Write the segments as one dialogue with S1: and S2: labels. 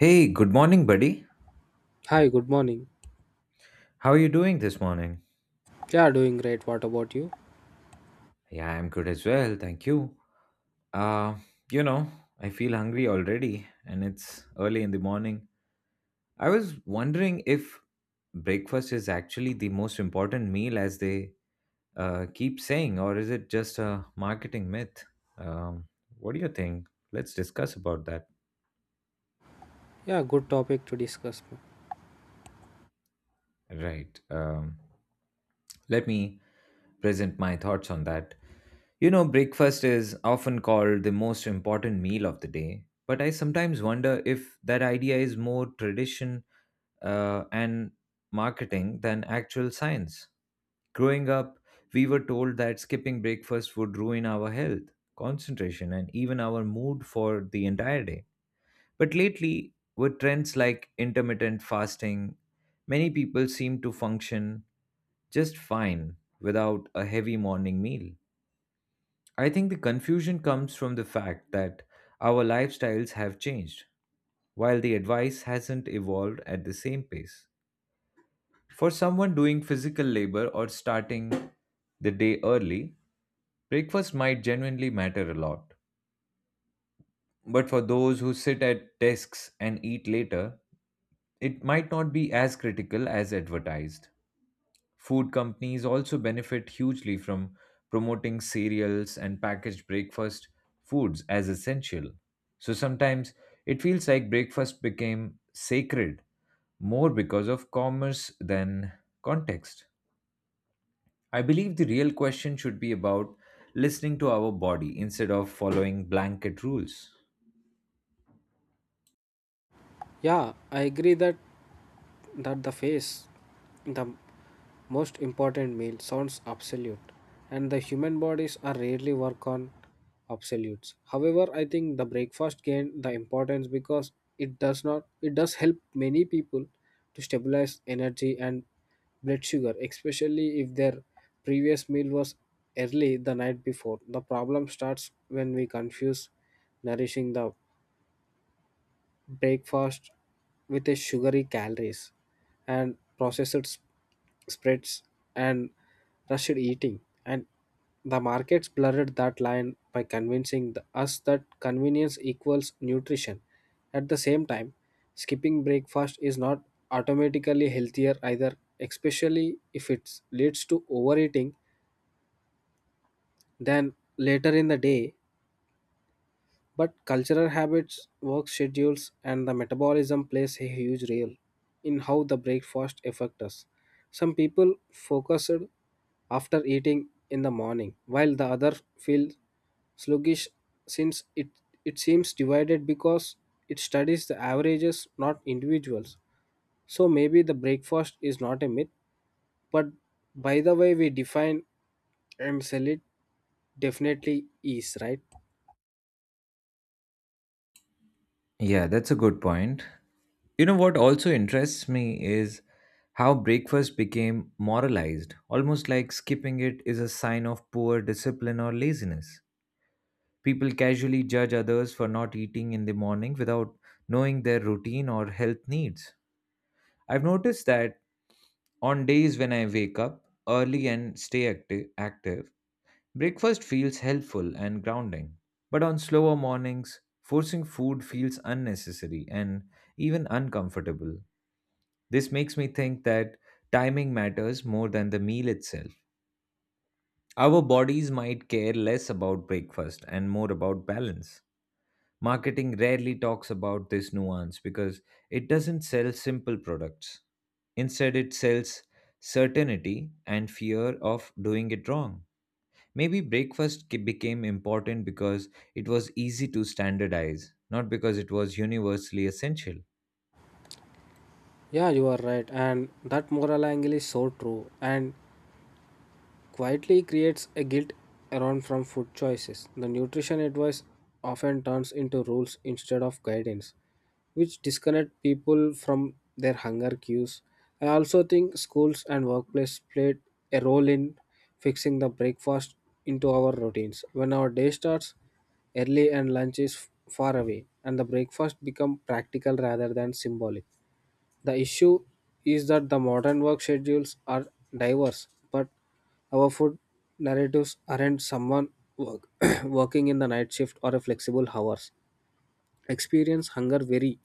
S1: Hey, good morning, buddy.
S2: Hi, good morning.
S1: How are you doing this morning?
S2: Yeah, doing great. What about you?
S1: Yeah, I'm good as well. Thank you. Uh, you know, I feel hungry already, and it's early in the morning. I was wondering if breakfast is actually the most important meal as they keep saying, or is it just a marketing myth? Um, what do you think? Let's discuss about that.
S2: Yeah, good topic to discuss.
S1: Right. Let me present my thoughts on that. You know, breakfast is often called the most important meal of the day, but I sometimes wonder if that idea is more tradition and marketing than actual science. Growing up, we were told that skipping breakfast would ruin our health, concentration, and even our mood for the entire day. But lately, with trends like intermittent fasting, many people seem to function just fine without a heavy morning meal. I think the confusion comes from the fact that our lifestyles have changed, while the advice hasn't evolved at the same pace. For someone doing physical labor or starting the day early, breakfast might genuinely matter a lot. But for those who sit at desks and eat later, it might not be as critical as advertised. Food companies also benefit hugely from promoting cereals and packaged breakfast foods as essential. So sometimes it feels like breakfast became sacred more because of commerce than context. I believe the real question should be about listening to our body instead of following blanket rules.
S2: Yeah, I agree that the most important meal sounds absolute, and the human bodies are rarely work on absolutes. However, I think the breakfast gained the importance because it does not it does help many people to stabilize energy and blood sugar, especially if their previous meal was early the night before. The problem starts when we confuse nourishing the breakfast with a sugary calories and processed spreads and rushed eating, and the markets blurred that line by convincing us that convenience equals nutrition. At the same time, skipping breakfast is not automatically healthier either, especially if it leads to overeating then later in the day. But cultural habits, work schedules, and the metabolism plays a huge role in how the breakfast affects us. Some people focus after eating in the morning, while the other feel sluggish, since it seems divided because it studies the averages, not individuals. So maybe the breakfast is not a myth, but by the way we define and sell it definitely is, right?
S1: Yeah, that's a good point. You know what also interests me is how breakfast became moralized, almost like skipping it is a sign of poor discipline or laziness. People casually judge others for not eating in the morning without knowing their routine or health needs. I've noticed that on days when I wake up early and stay active, breakfast feels helpful and grounding, but on slower mornings, forcing food feels unnecessary and even uncomfortable. This makes me think that timing matters more than the meal itself. Our bodies might care less about breakfast and more about balance. Marketing rarely talks about this nuance because it doesn't sell simple products. Instead, it sells certainty and fear of doing it wrong. Maybe breakfast became important because it was easy to standardize, not because it was universally essential.
S2: Yeah, you are right, and that moral angle is so true and quietly creates a guilt around from food choices. The nutrition advice often turns into rules instead of guidance, which disconnect people from their hunger cues. I also think schools and workplace played a role in fixing the breakfast into our routines. When our day starts early and lunch is far away, and the breakfast become practical rather than symbolic, the issue is that the modern work schedules are diverse, but our food narratives aren't. Someone work, working in the night shift or a flexible hours. Experience hunger very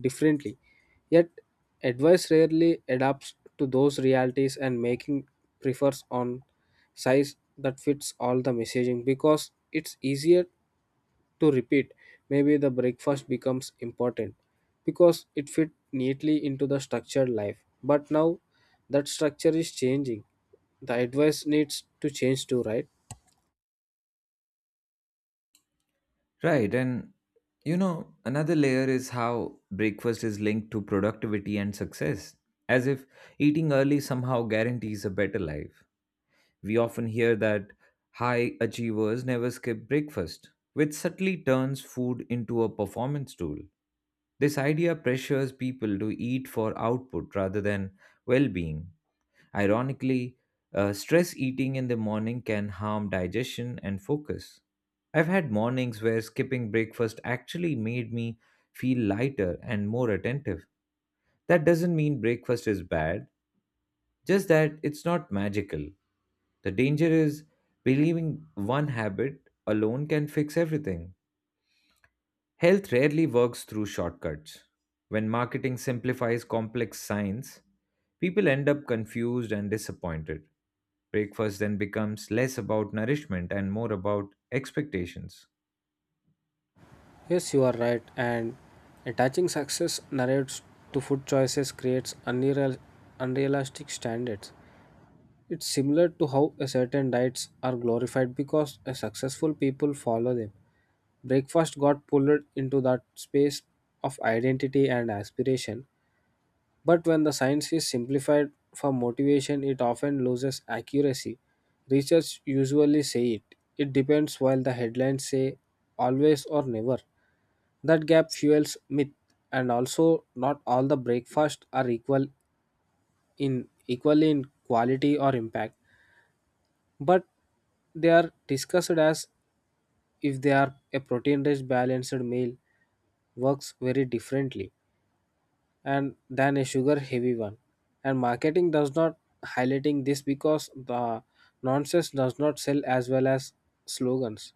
S2: differently, yet advice rarely adapts to those realities and making prefers on size that fits all the messaging because it's easier to repeat. Maybe the breakfast becomes important because it fit neatly into the structured life. But now that structure is changing. The advice needs to change too, right?
S1: Right, and you know, another layer is how breakfast is linked to productivity and success, as if eating early somehow guarantees a better life. We often hear that high achievers never skip breakfast, which subtly turns food into a performance tool. This idea pressures people to eat for output rather than well being. Ironically, stress eating in the morning can harm digestion and focus. I've had mornings where skipping breakfast actually made me feel lighter and more attentive. That doesn't mean breakfast is bad, just that it's not magical. The danger is believing one habit alone can fix everything. Health rarely works through shortcuts. When marketing simplifies complex science, people end up confused and disappointed. Breakfast then becomes less about nourishment and more about expectations.
S2: Yes, you are right. And attaching success narratives to food choices creates unrealistic standards. It's similar to how a certain diets are glorified because a successful people follow them. Breakfast got pulled into that space of identity and aspiration. But when the science is simplified for motivation, it often loses accuracy. Research usually say it. It depends, while the headlines say always or never. That gap fuels myth, and also not all the breakfasts are equal in quality or impact. But they are discussed as if they are. A protein rich balanced meal works very differently and than a sugar heavy one, and marketing does not highlighting this because the nonsense does not sell as well as slogans.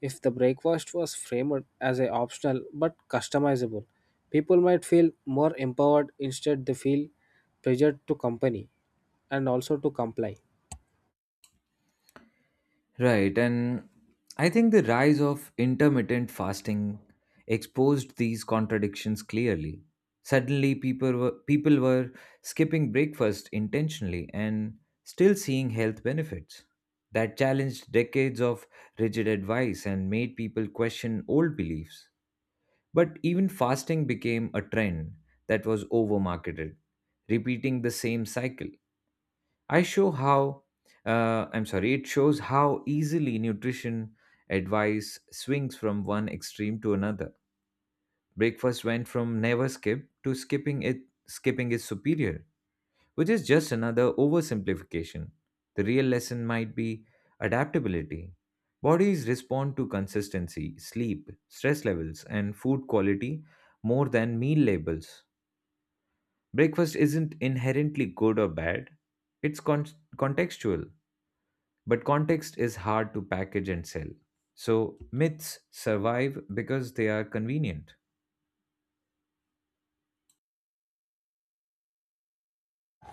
S2: If the breakfast was framed as a optional but customizable, people might feel more empowered. Instead they feel pressured to comply.
S1: Right, and I think the rise of intermittent fasting exposed these contradictions clearly. Suddenly, people were skipping breakfast intentionally and still seeing health benefits. That challenged decades of rigid advice and made people question old beliefs. But even fasting became a trend that was overmarketed, repeating the same cycle. I show how, I'm sorry, It shows how easily nutrition advice swings from one extreme to another. Breakfast went from never skip to skipping it, skipping is superior, which is just another oversimplification. The real lesson might be adaptability. Bodies respond to consistency, sleep, stress levels, and food quality more than meal labels. Breakfast isn't inherently good or bad, it's contextual, but context is hard to package and sell. So myths survive because they are convenient.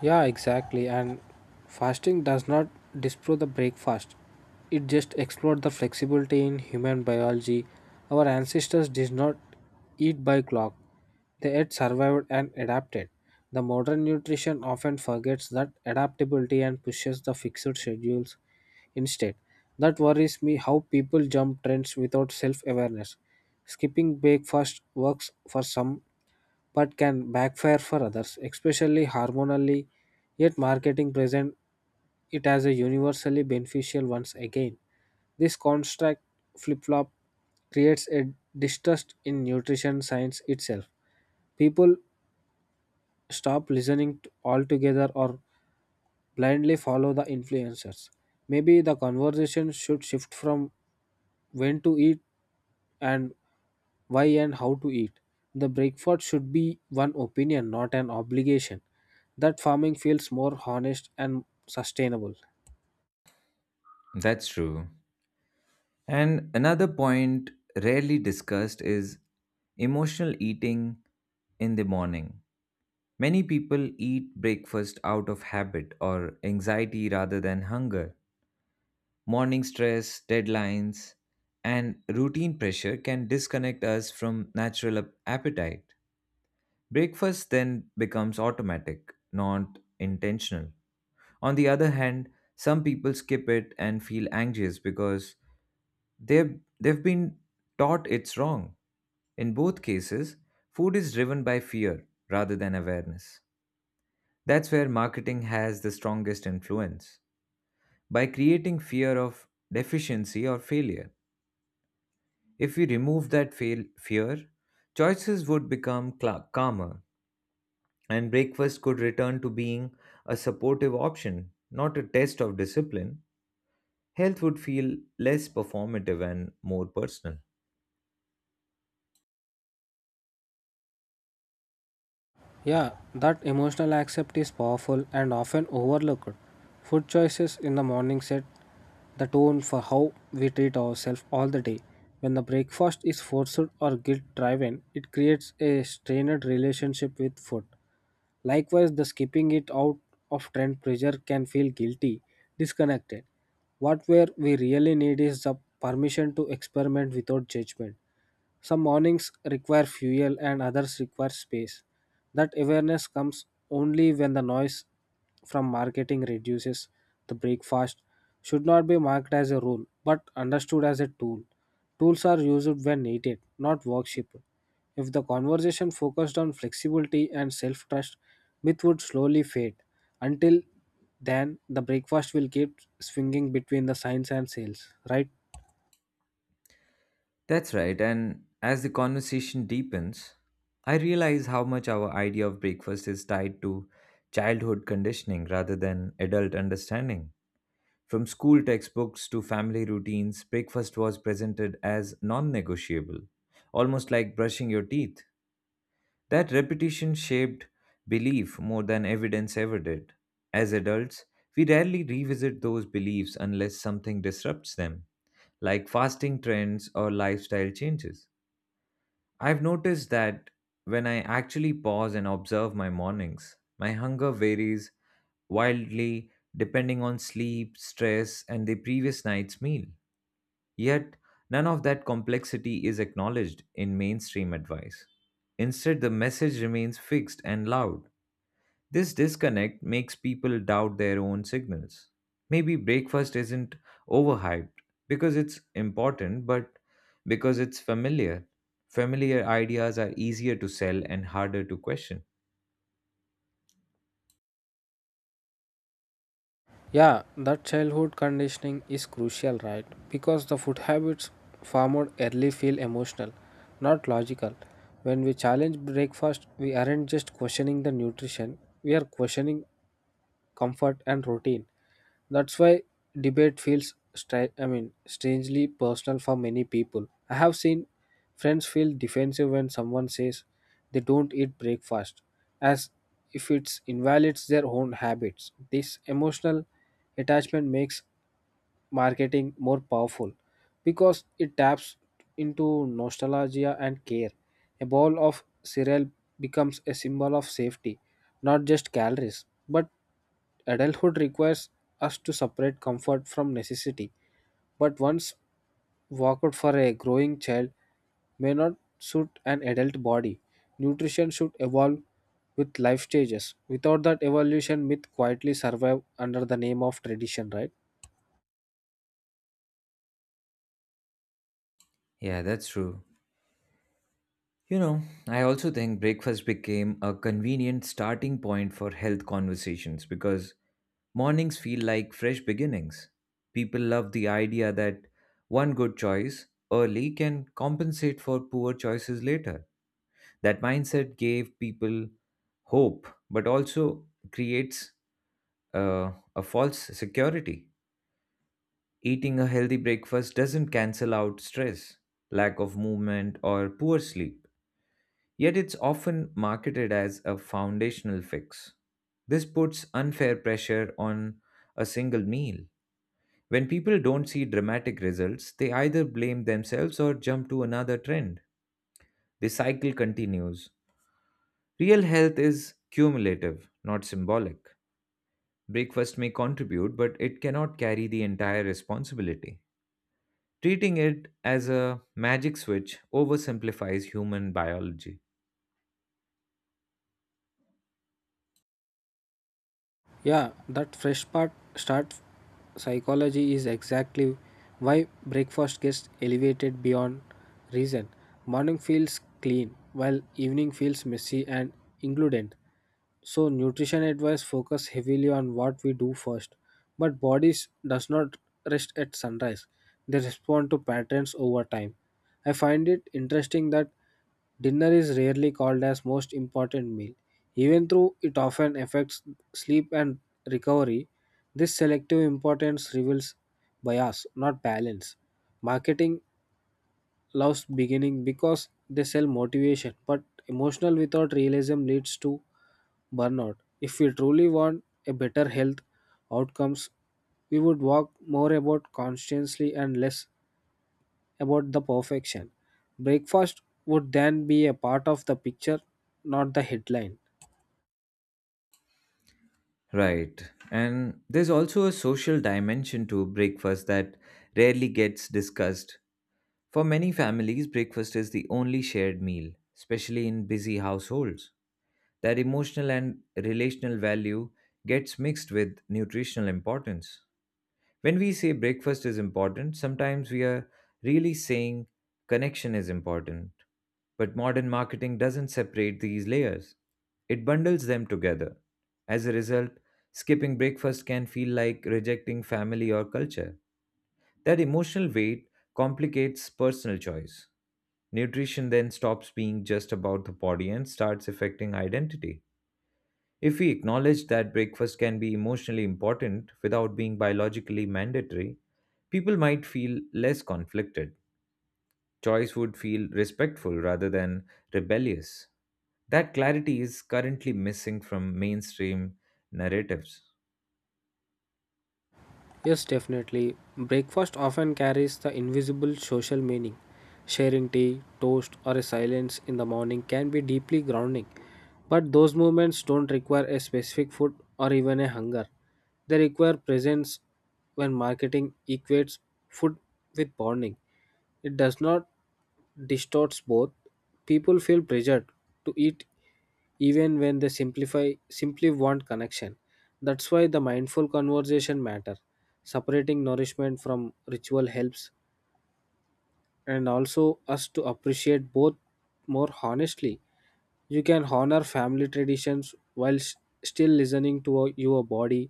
S2: Yeah, exactly. And fasting does not disprove the breakfast. It just explored the flexibility in human biology. Our ancestors did not eat by clock. They had survived and adapted. The modern nutrition often forgets that adaptability and pushes the fixed schedules instead. That worries me how people jump trends without self awareness. Skipping breakfast works for some, but can backfire for others, especially hormonally. Yet, marketing present it as a universally beneficial once again. This construct flip flop creates a distrust in nutrition science itself. People stop listening altogether, or blindly follow the influencers. Maybe the conversation should shift from when to eat, and why and how to eat. The breakfast should be one opinion, not an obligation. That farming feels more honest and sustainable.
S1: That's true. And another point rarely discussed is emotional eating in the morning. Many people eat breakfast out of habit or anxiety rather than hunger. Morning stress, deadlines, and routine pressure can disconnect us from natural appetite. Breakfast then becomes automatic, not intentional. On the other hand, some people skip it and feel anxious because they've been taught it's wrong. In both cases, food is driven by fear rather than awareness. That's where marketing has the strongest influence. By creating fear of deficiency or failure, if we remove that fear, choices would become cla calmer and breakfast could return to being a supportive option, not a test of discipline. Health would feel less performative and more personal.
S2: Yeah, that emotional accept is powerful and often overlooked. Food choices in the morning set the tone for how we treat ourselves all the day. When the breakfast is forced or guilt driven, it creates a strained relationship with food. Likewise, the skipping it out of trend pressure can feel guilty, disconnected. What where we really need is the permission to experiment without judgment. Some mornings require fuel and others require space. That awareness comes only when the noise from marketing reduces. The breakfast should not be marked as a rule but understood as a tool. Tools are used when needed, not worshipped. If the conversation focused on flexibility and self trust, myth would slowly fade. Until then, the breakfast will keep swinging between the science and sales, right?
S1: That's right. And as the conversation deepens, I realize how much our idea of breakfast is tied to childhood conditioning rather than adult understanding. From school textbooks to family routines, breakfast was presented as non negotiable, almost like brushing your teeth. That repetition shaped belief more than evidence ever did. As adults, we rarely revisit those beliefs unless something disrupts them, like fasting trends or lifestyle changes. I've noticed that when I actually pause and observe my mornings, my hunger varies wildly depending on sleep, stress, and the previous night's meal. Yet, none of that complexity is acknowledged in mainstream advice. Instead, the message remains fixed and loud. This disconnect makes people doubt their own signals. Maybe breakfast isn't overhyped because it's important, but because it's familiar. Familiar ideas are easier to sell and harder to question.
S2: Yeah, that childhood conditioning is crucial, right? Because the food habits formed early feel emotional, not logical. When we challenge breakfast, we aren't just questioning the nutrition, we are questioning comfort and routine. That's why debate feels I mean strangely personal for many people. I have seen friends feel defensive when someone says they don't eat breakfast, as if it invalidates their own habits. This emotional attachment makes marketing more powerful because it taps into nostalgia and care. A bowl of cereal becomes a symbol of safety, not just calories. But adulthood requires us to separate comfort from necessity, but once workout for a growing child may not suit an adult body. Nutrition should evolve with life stages. Without that evolution, myth quietly survive under the name of tradition, right?
S1: Yeah, that's true. You know, I also think breakfast became a convenient starting point for health conversations because mornings feel like fresh beginnings. People love the idea that one good choice early can compensate for poor choices later. That mindset gave people hope, but also creates a false security. Eating a healthy breakfast doesn't cancel out stress, lack of movement, or poor sleep. Yet it's often marketed as a foundational fix. This puts unfair pressure on a single meal. When people don't see dramatic results, they either blame themselves or jump to another trend. The cycle continues. Real health is cumulative, not symbolic. Breakfast may contribute, but it cannot carry the entire responsibility. Treating it as a magic switch oversimplifies human biology.
S2: Yeah, that fresh part start psychology is exactly why breakfast gets elevated beyond reason. Morning feels clean, while evening feels messy and includent. So nutrition advice focus heavily on what we do first, but bodies does not rest at sunrise. They respond to patterns over time. I find it interesting that dinner is rarely called as most important meal, even though it often affects sleep and recovery. This selective importance reveals bias, not balance. Marketing loves beginning because they sell motivation, but emotional without realism leads to burnout. If we truly want a better health outcomes, we would walk more about conscientiously and less about the perfection. Breakfast would then be a part of the picture, not the headline.
S1: Right. And there's also a social dimension to breakfast that rarely gets discussed. For many families, breakfast is the only shared meal, especially in busy households. That emotional and relational value gets mixed with nutritional importance. When we say breakfast is important, sometimes we are really saying connection is important. But modern marketing doesn't separate these layers, it bundles them together. As a result, skipping breakfast can feel like rejecting family or culture. That emotional weight complicates personal choice. Nutrition then stops being just about the body and starts affecting identity. If we acknowledge that breakfast can be emotionally important without being biologically mandatory, people might feel less conflicted. Choice would feel respectful rather than rebellious. That clarity is currently missing from mainstream narratives.
S2: Yes, definitely. Breakfast often carries the invisible social meaning. Sharing tea, toast, or a silence in the morning can be deeply grounding. But those moments don't require a specific food or even a hunger. They require presence when marketing equates food with bonding. It does not distorts both. People feel pressured to eat even when they simplify simply want connection. That's why the mindful conversation matter. Separating nourishment from ritual helps and also us to appreciate both more honestly. You can honor family traditions while still listening to your body,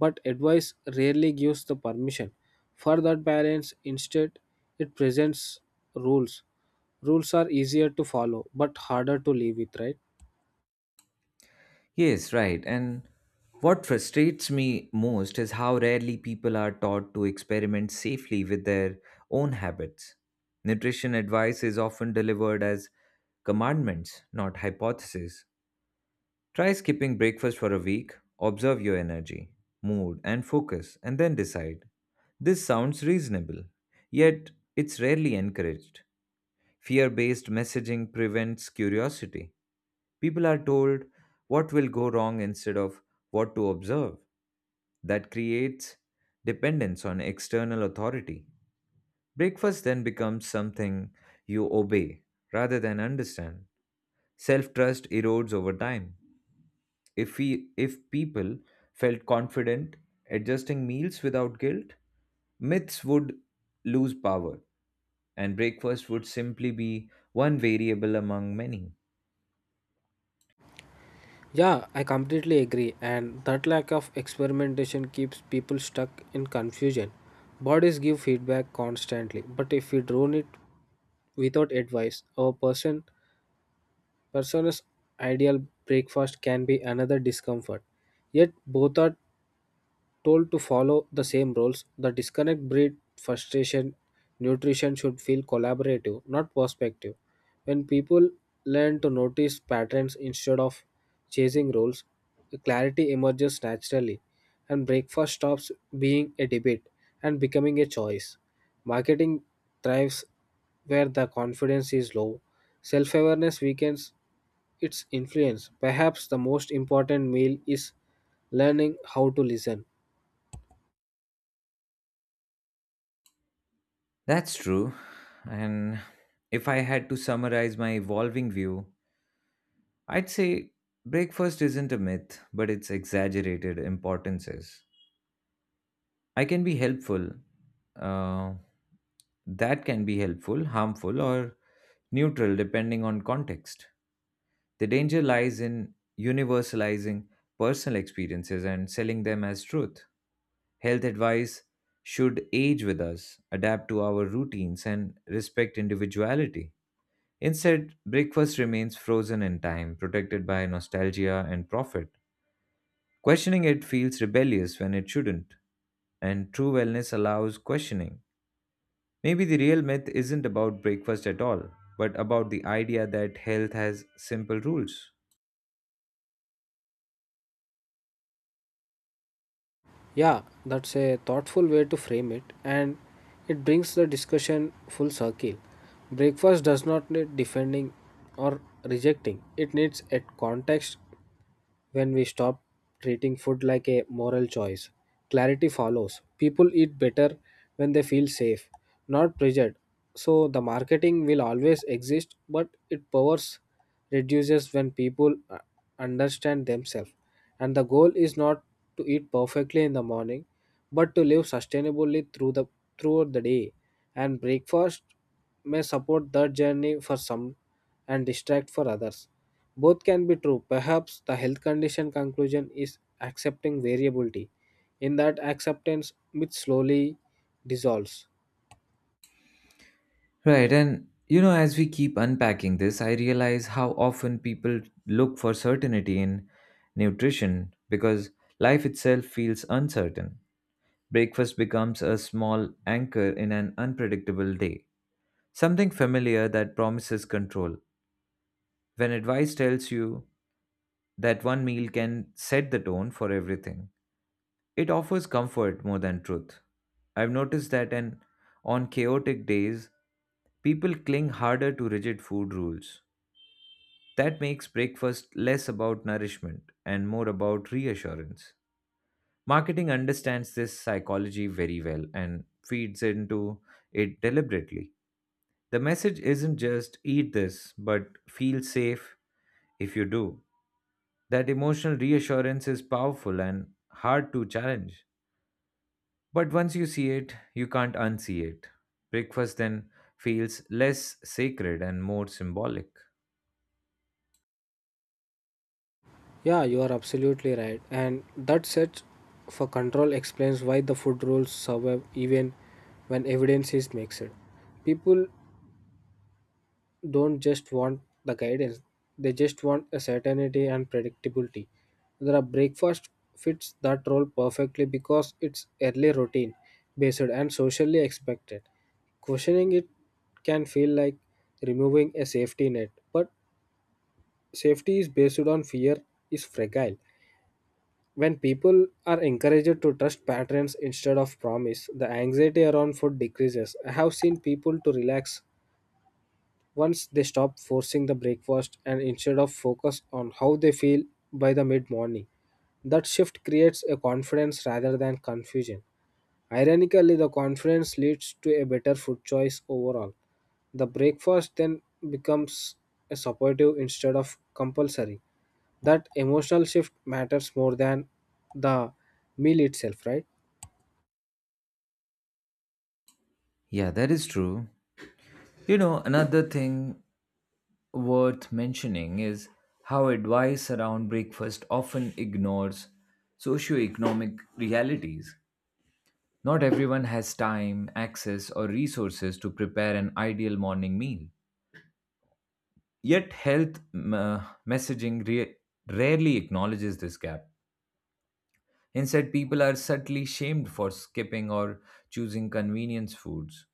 S2: but advice rarely gives the permission. For that balance, instead, it presents rules. Rules are easier to follow, but harder to live with, right?
S1: Yes, right. And what frustrates me most is how rarely people are taught to experiment safely with their own habits. Nutrition advice is often delivered as commandments, not hypotheses. Try skipping breakfast for a week, observe your energy, mood, and focus, and then decide. This sounds reasonable, yet it's rarely encouraged. Fear based messaging prevents curiosity. People are told what will go wrong instead of what to observe. That creates dependence on external authority. Breakfast then becomes something you obey rather than understand. Self trust erodes over time. If people felt confident adjusting meals without guilt, myths would lose power and breakfast would simply be one variable among many.
S2: Yeah, I completely agree. And that lack of experimentation keeps people stuck in confusion. Bodies give feedback constantly, but if we drone it without advice, our person Person's ideal breakfast can be another discomfort. Yet both are told to follow the same rules. The disconnect breed frustration. Nutrition should feel collaborative, not perspective. When people learn to notice patterns instead of chasing rules, clarity emerges naturally, and breakfast stops being a debate and becoming a choice. Marketing thrives where the confidence is low, self awareness weakens its influence. Perhaps the most important meal is learning how to listen.
S1: That's true. And if I had to summarize my evolving view, I'd say breakfast isn't a myth, but it's exaggerated importances. I can be helpful. Uh, that can be helpful, harmful, or neutral depending on context. The danger lies in universalizing personal experiences and selling them as truth. Health advice should age with us, adapt to our routines, and respect individuality. Instead, breakfast remains frozen in time, protected by nostalgia and profit. Questioning it feels rebellious when it shouldn't, and true wellness allows questioning. Maybe the real myth isn't about breakfast at all, but about the idea that health has simple rules.
S2: Yeah, that's a thoughtful way to frame it, and it brings the discussion full circle. Breakfast does not need defending or rejecting, it needs a context when we stop treating food like a moral choice. Clarity follows. People eat better when they feel safe, not pressured. So the marketing will always exist, but it powers reduces when people understand themselves. And the goal is not to eat perfectly in the morning, but to live sustainably throughout the day. And breakfast may support that journey for some and distract for others. Both can be true. Perhaps the health condition conclusion is accepting variability. In that acceptance, myth slowly dissolves.
S1: Right, and you know, as we keep unpacking this, I realize how often people look for certainty in nutrition because life itself feels uncertain. Breakfast becomes a small anchor in an unpredictable day, something familiar that promises control. When advice tells you that one meal can set the tone for everything, it offers comfort more than truth. I've noticed that on chaotic days, people cling harder to rigid food rules. That makes breakfast less about nourishment and more about reassurance. Marketing understands this psychology very well and feeds into it deliberately. The message isn't just eat this, but feel safe if you do. That emotional reassurance is powerful and hard to challenge. But once you see it, you can't unsee it. Breakfast then feels less sacred and more symbolic.
S2: Yeah, you are absolutely right. And that search for control explains why the food rules survive even when evidence is mixed. People don't just want the guidance, they just want a certainty and predictability. The breakfast fits that role perfectly because it's early routine based and socially expected. Questioning it can feel like removing a safety net, but safety is based on fear is fragile. When people are encouraged to trust patterns instead of promise, the anxiety around food decreases. I have seen people to relax once they stop forcing the breakfast and instead of focus on how they feel by the mid morning, that shift creates a confidence rather than confusion. Ironically, the confidence leads to a better food choice overall. The breakfast then becomes a supportive instead of compulsory. That emotional shift matters more than the meal itself, right?
S1: Yeah, that is true. You know, another thing worth mentioning is how advice around breakfast often ignores socioeconomic realities. Not everyone has time, access, or resources to prepare an ideal morning meal. Yet, health messaging rarely acknowledges this gap. Instead, people are subtly shamed for skipping or choosing convenience foods.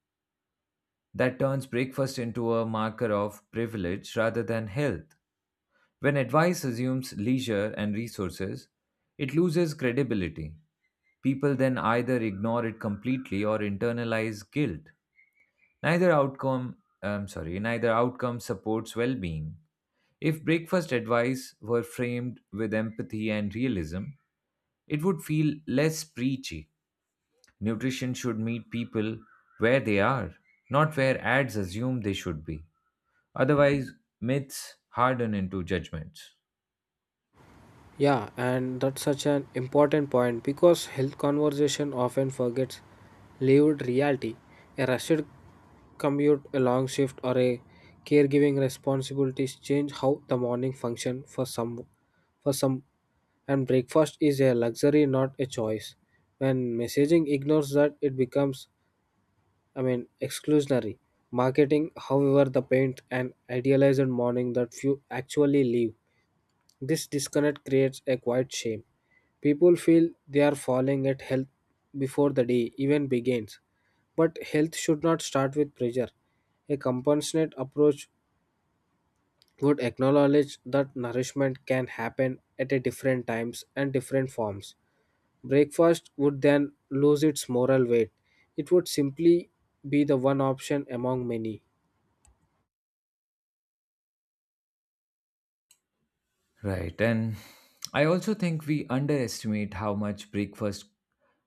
S1: That turns breakfast into a marker of privilege rather than health. When advice assumes leisure and resources, it loses credibility. People then either ignore it completely or internalize guilt. Neither outcome, I'm sorry, neither outcome supports well-being. If breakfast advice were framed with empathy and realism, it would feel less preachy. Nutrition should meet people where they are, not where ads assume they should be. Otherwise, myths harden into judgments.
S2: Yeah, and that's such an important point because health conversation often forgets lived reality. A rushed commute, a long shift, or a caregiving responsibilities change how the morning function for some, and breakfast is a luxury not a choice. When messaging ignores that, it becomes, I mean, exclusionary. Marketing, however, the paint an idealized morning that few actually live. This disconnect creates a quiet shame. People feel they are falling at health before the day even begins. But health should not start with pressure. A compassionate approach would acknowledge that nourishment can happen at a different times and different forms. Breakfast would then lose its moral weight. It would simply be the one option among many.
S1: Right. And I also think we underestimate how much breakfast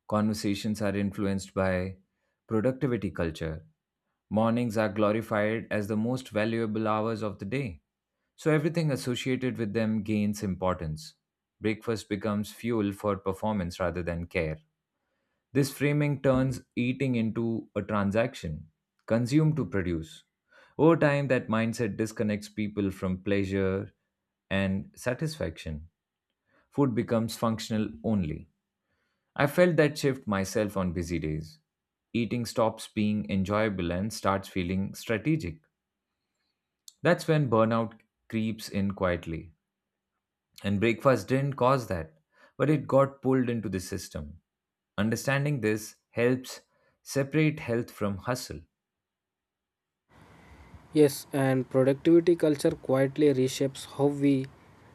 S1: conversations are influenced by productivity culture. Mornings are glorified as the most valuable hours of the day, so everything associated with them gains importance. Breakfast becomes fuel for performance rather than care. This framing turns eating into a transaction, consume to produce. Over time, that mindset disconnects people from pleasure and satisfaction. Food becomes functional only. I felt that shift myself on busy days. Eating stops being enjoyable and starts feeling strategic. That's when burnout creeps in quietly. And breakfast didn't cause that, but it got pulled into the system. Understanding this helps separate health from hustle.
S2: Yes, and productivity culture quietly reshapes how we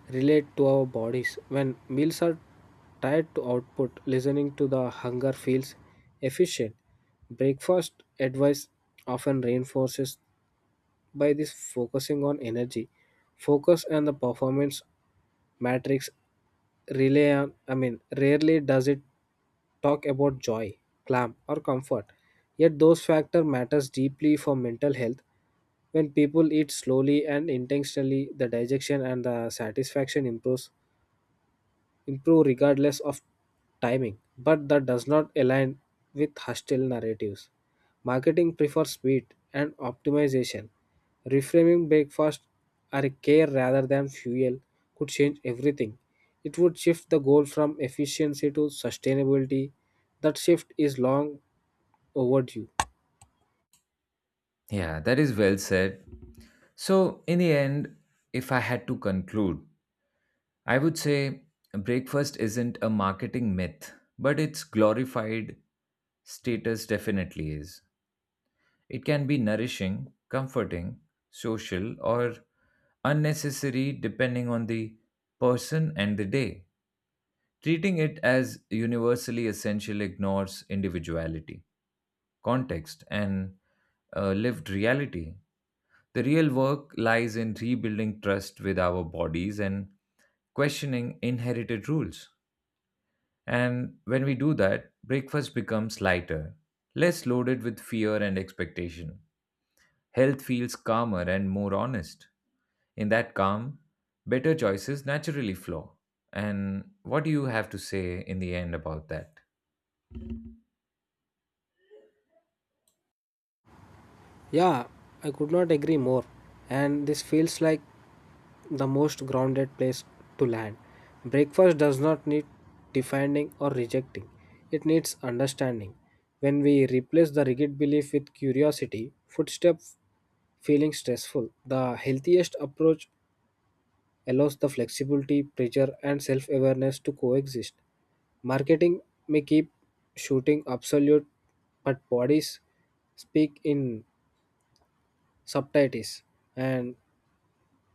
S2: relate to our bodies. When meals are tied to output, listening to the hunger feels efficient. Breakfast advice often reinforces by this, focusing on energy, focus and the performance matrix I mean, rarely does it talk about joy, clam or comfort. Yet those factor matters deeply for mental health when people eat slowly and intentionally, the digestion and the satisfaction improve regardless of timing, but that does not align with hostile narratives. Marketing prefers speed and optimization. Reframing breakfast as a care rather than fuel could change everything. It would shift the goal from efficiency to sustainability. That shift is long overdue.
S1: Yeah, that is well said. So, in the end, if I had to conclude, I would say breakfast isn't a marketing myth, but its glorified status definitely is. It can be nourishing, comforting, social, or unnecessary depending on the person and the day. Treating it as universally essential ignores individuality, context, and lived reality. The real work lies in rebuilding trust with our bodies and questioning inherited rules. And when we do that, breakfast becomes lighter, less loaded with fear and expectation. Health feels calmer and more honest. In that calm, better choices naturally flow. And what do you have to say in the end about that?
S2: Yeah, I could not agree more. And this feels like the most grounded place to land. Breakfast does not need defending or rejecting, it needs understanding. When we replace the rigid belief with curiosity, footsteps feeling stressful, the healthiest approach allows the flexibility, pressure, and self awareness to coexist. Marketing may keep shooting absolute, but bodies speak in subtitles, and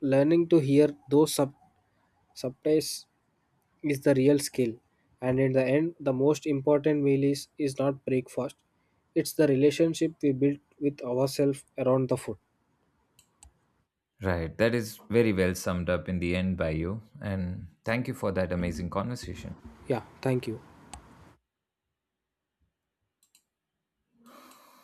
S2: learning to hear those subtitles is the real skill. And in the end, the most important meal is not breakfast, it's the relationship we build with ourselves around the food.
S1: Right, that is very well summed up in the end by you. And thank you for that amazing conversation.
S2: Yeah, thank you.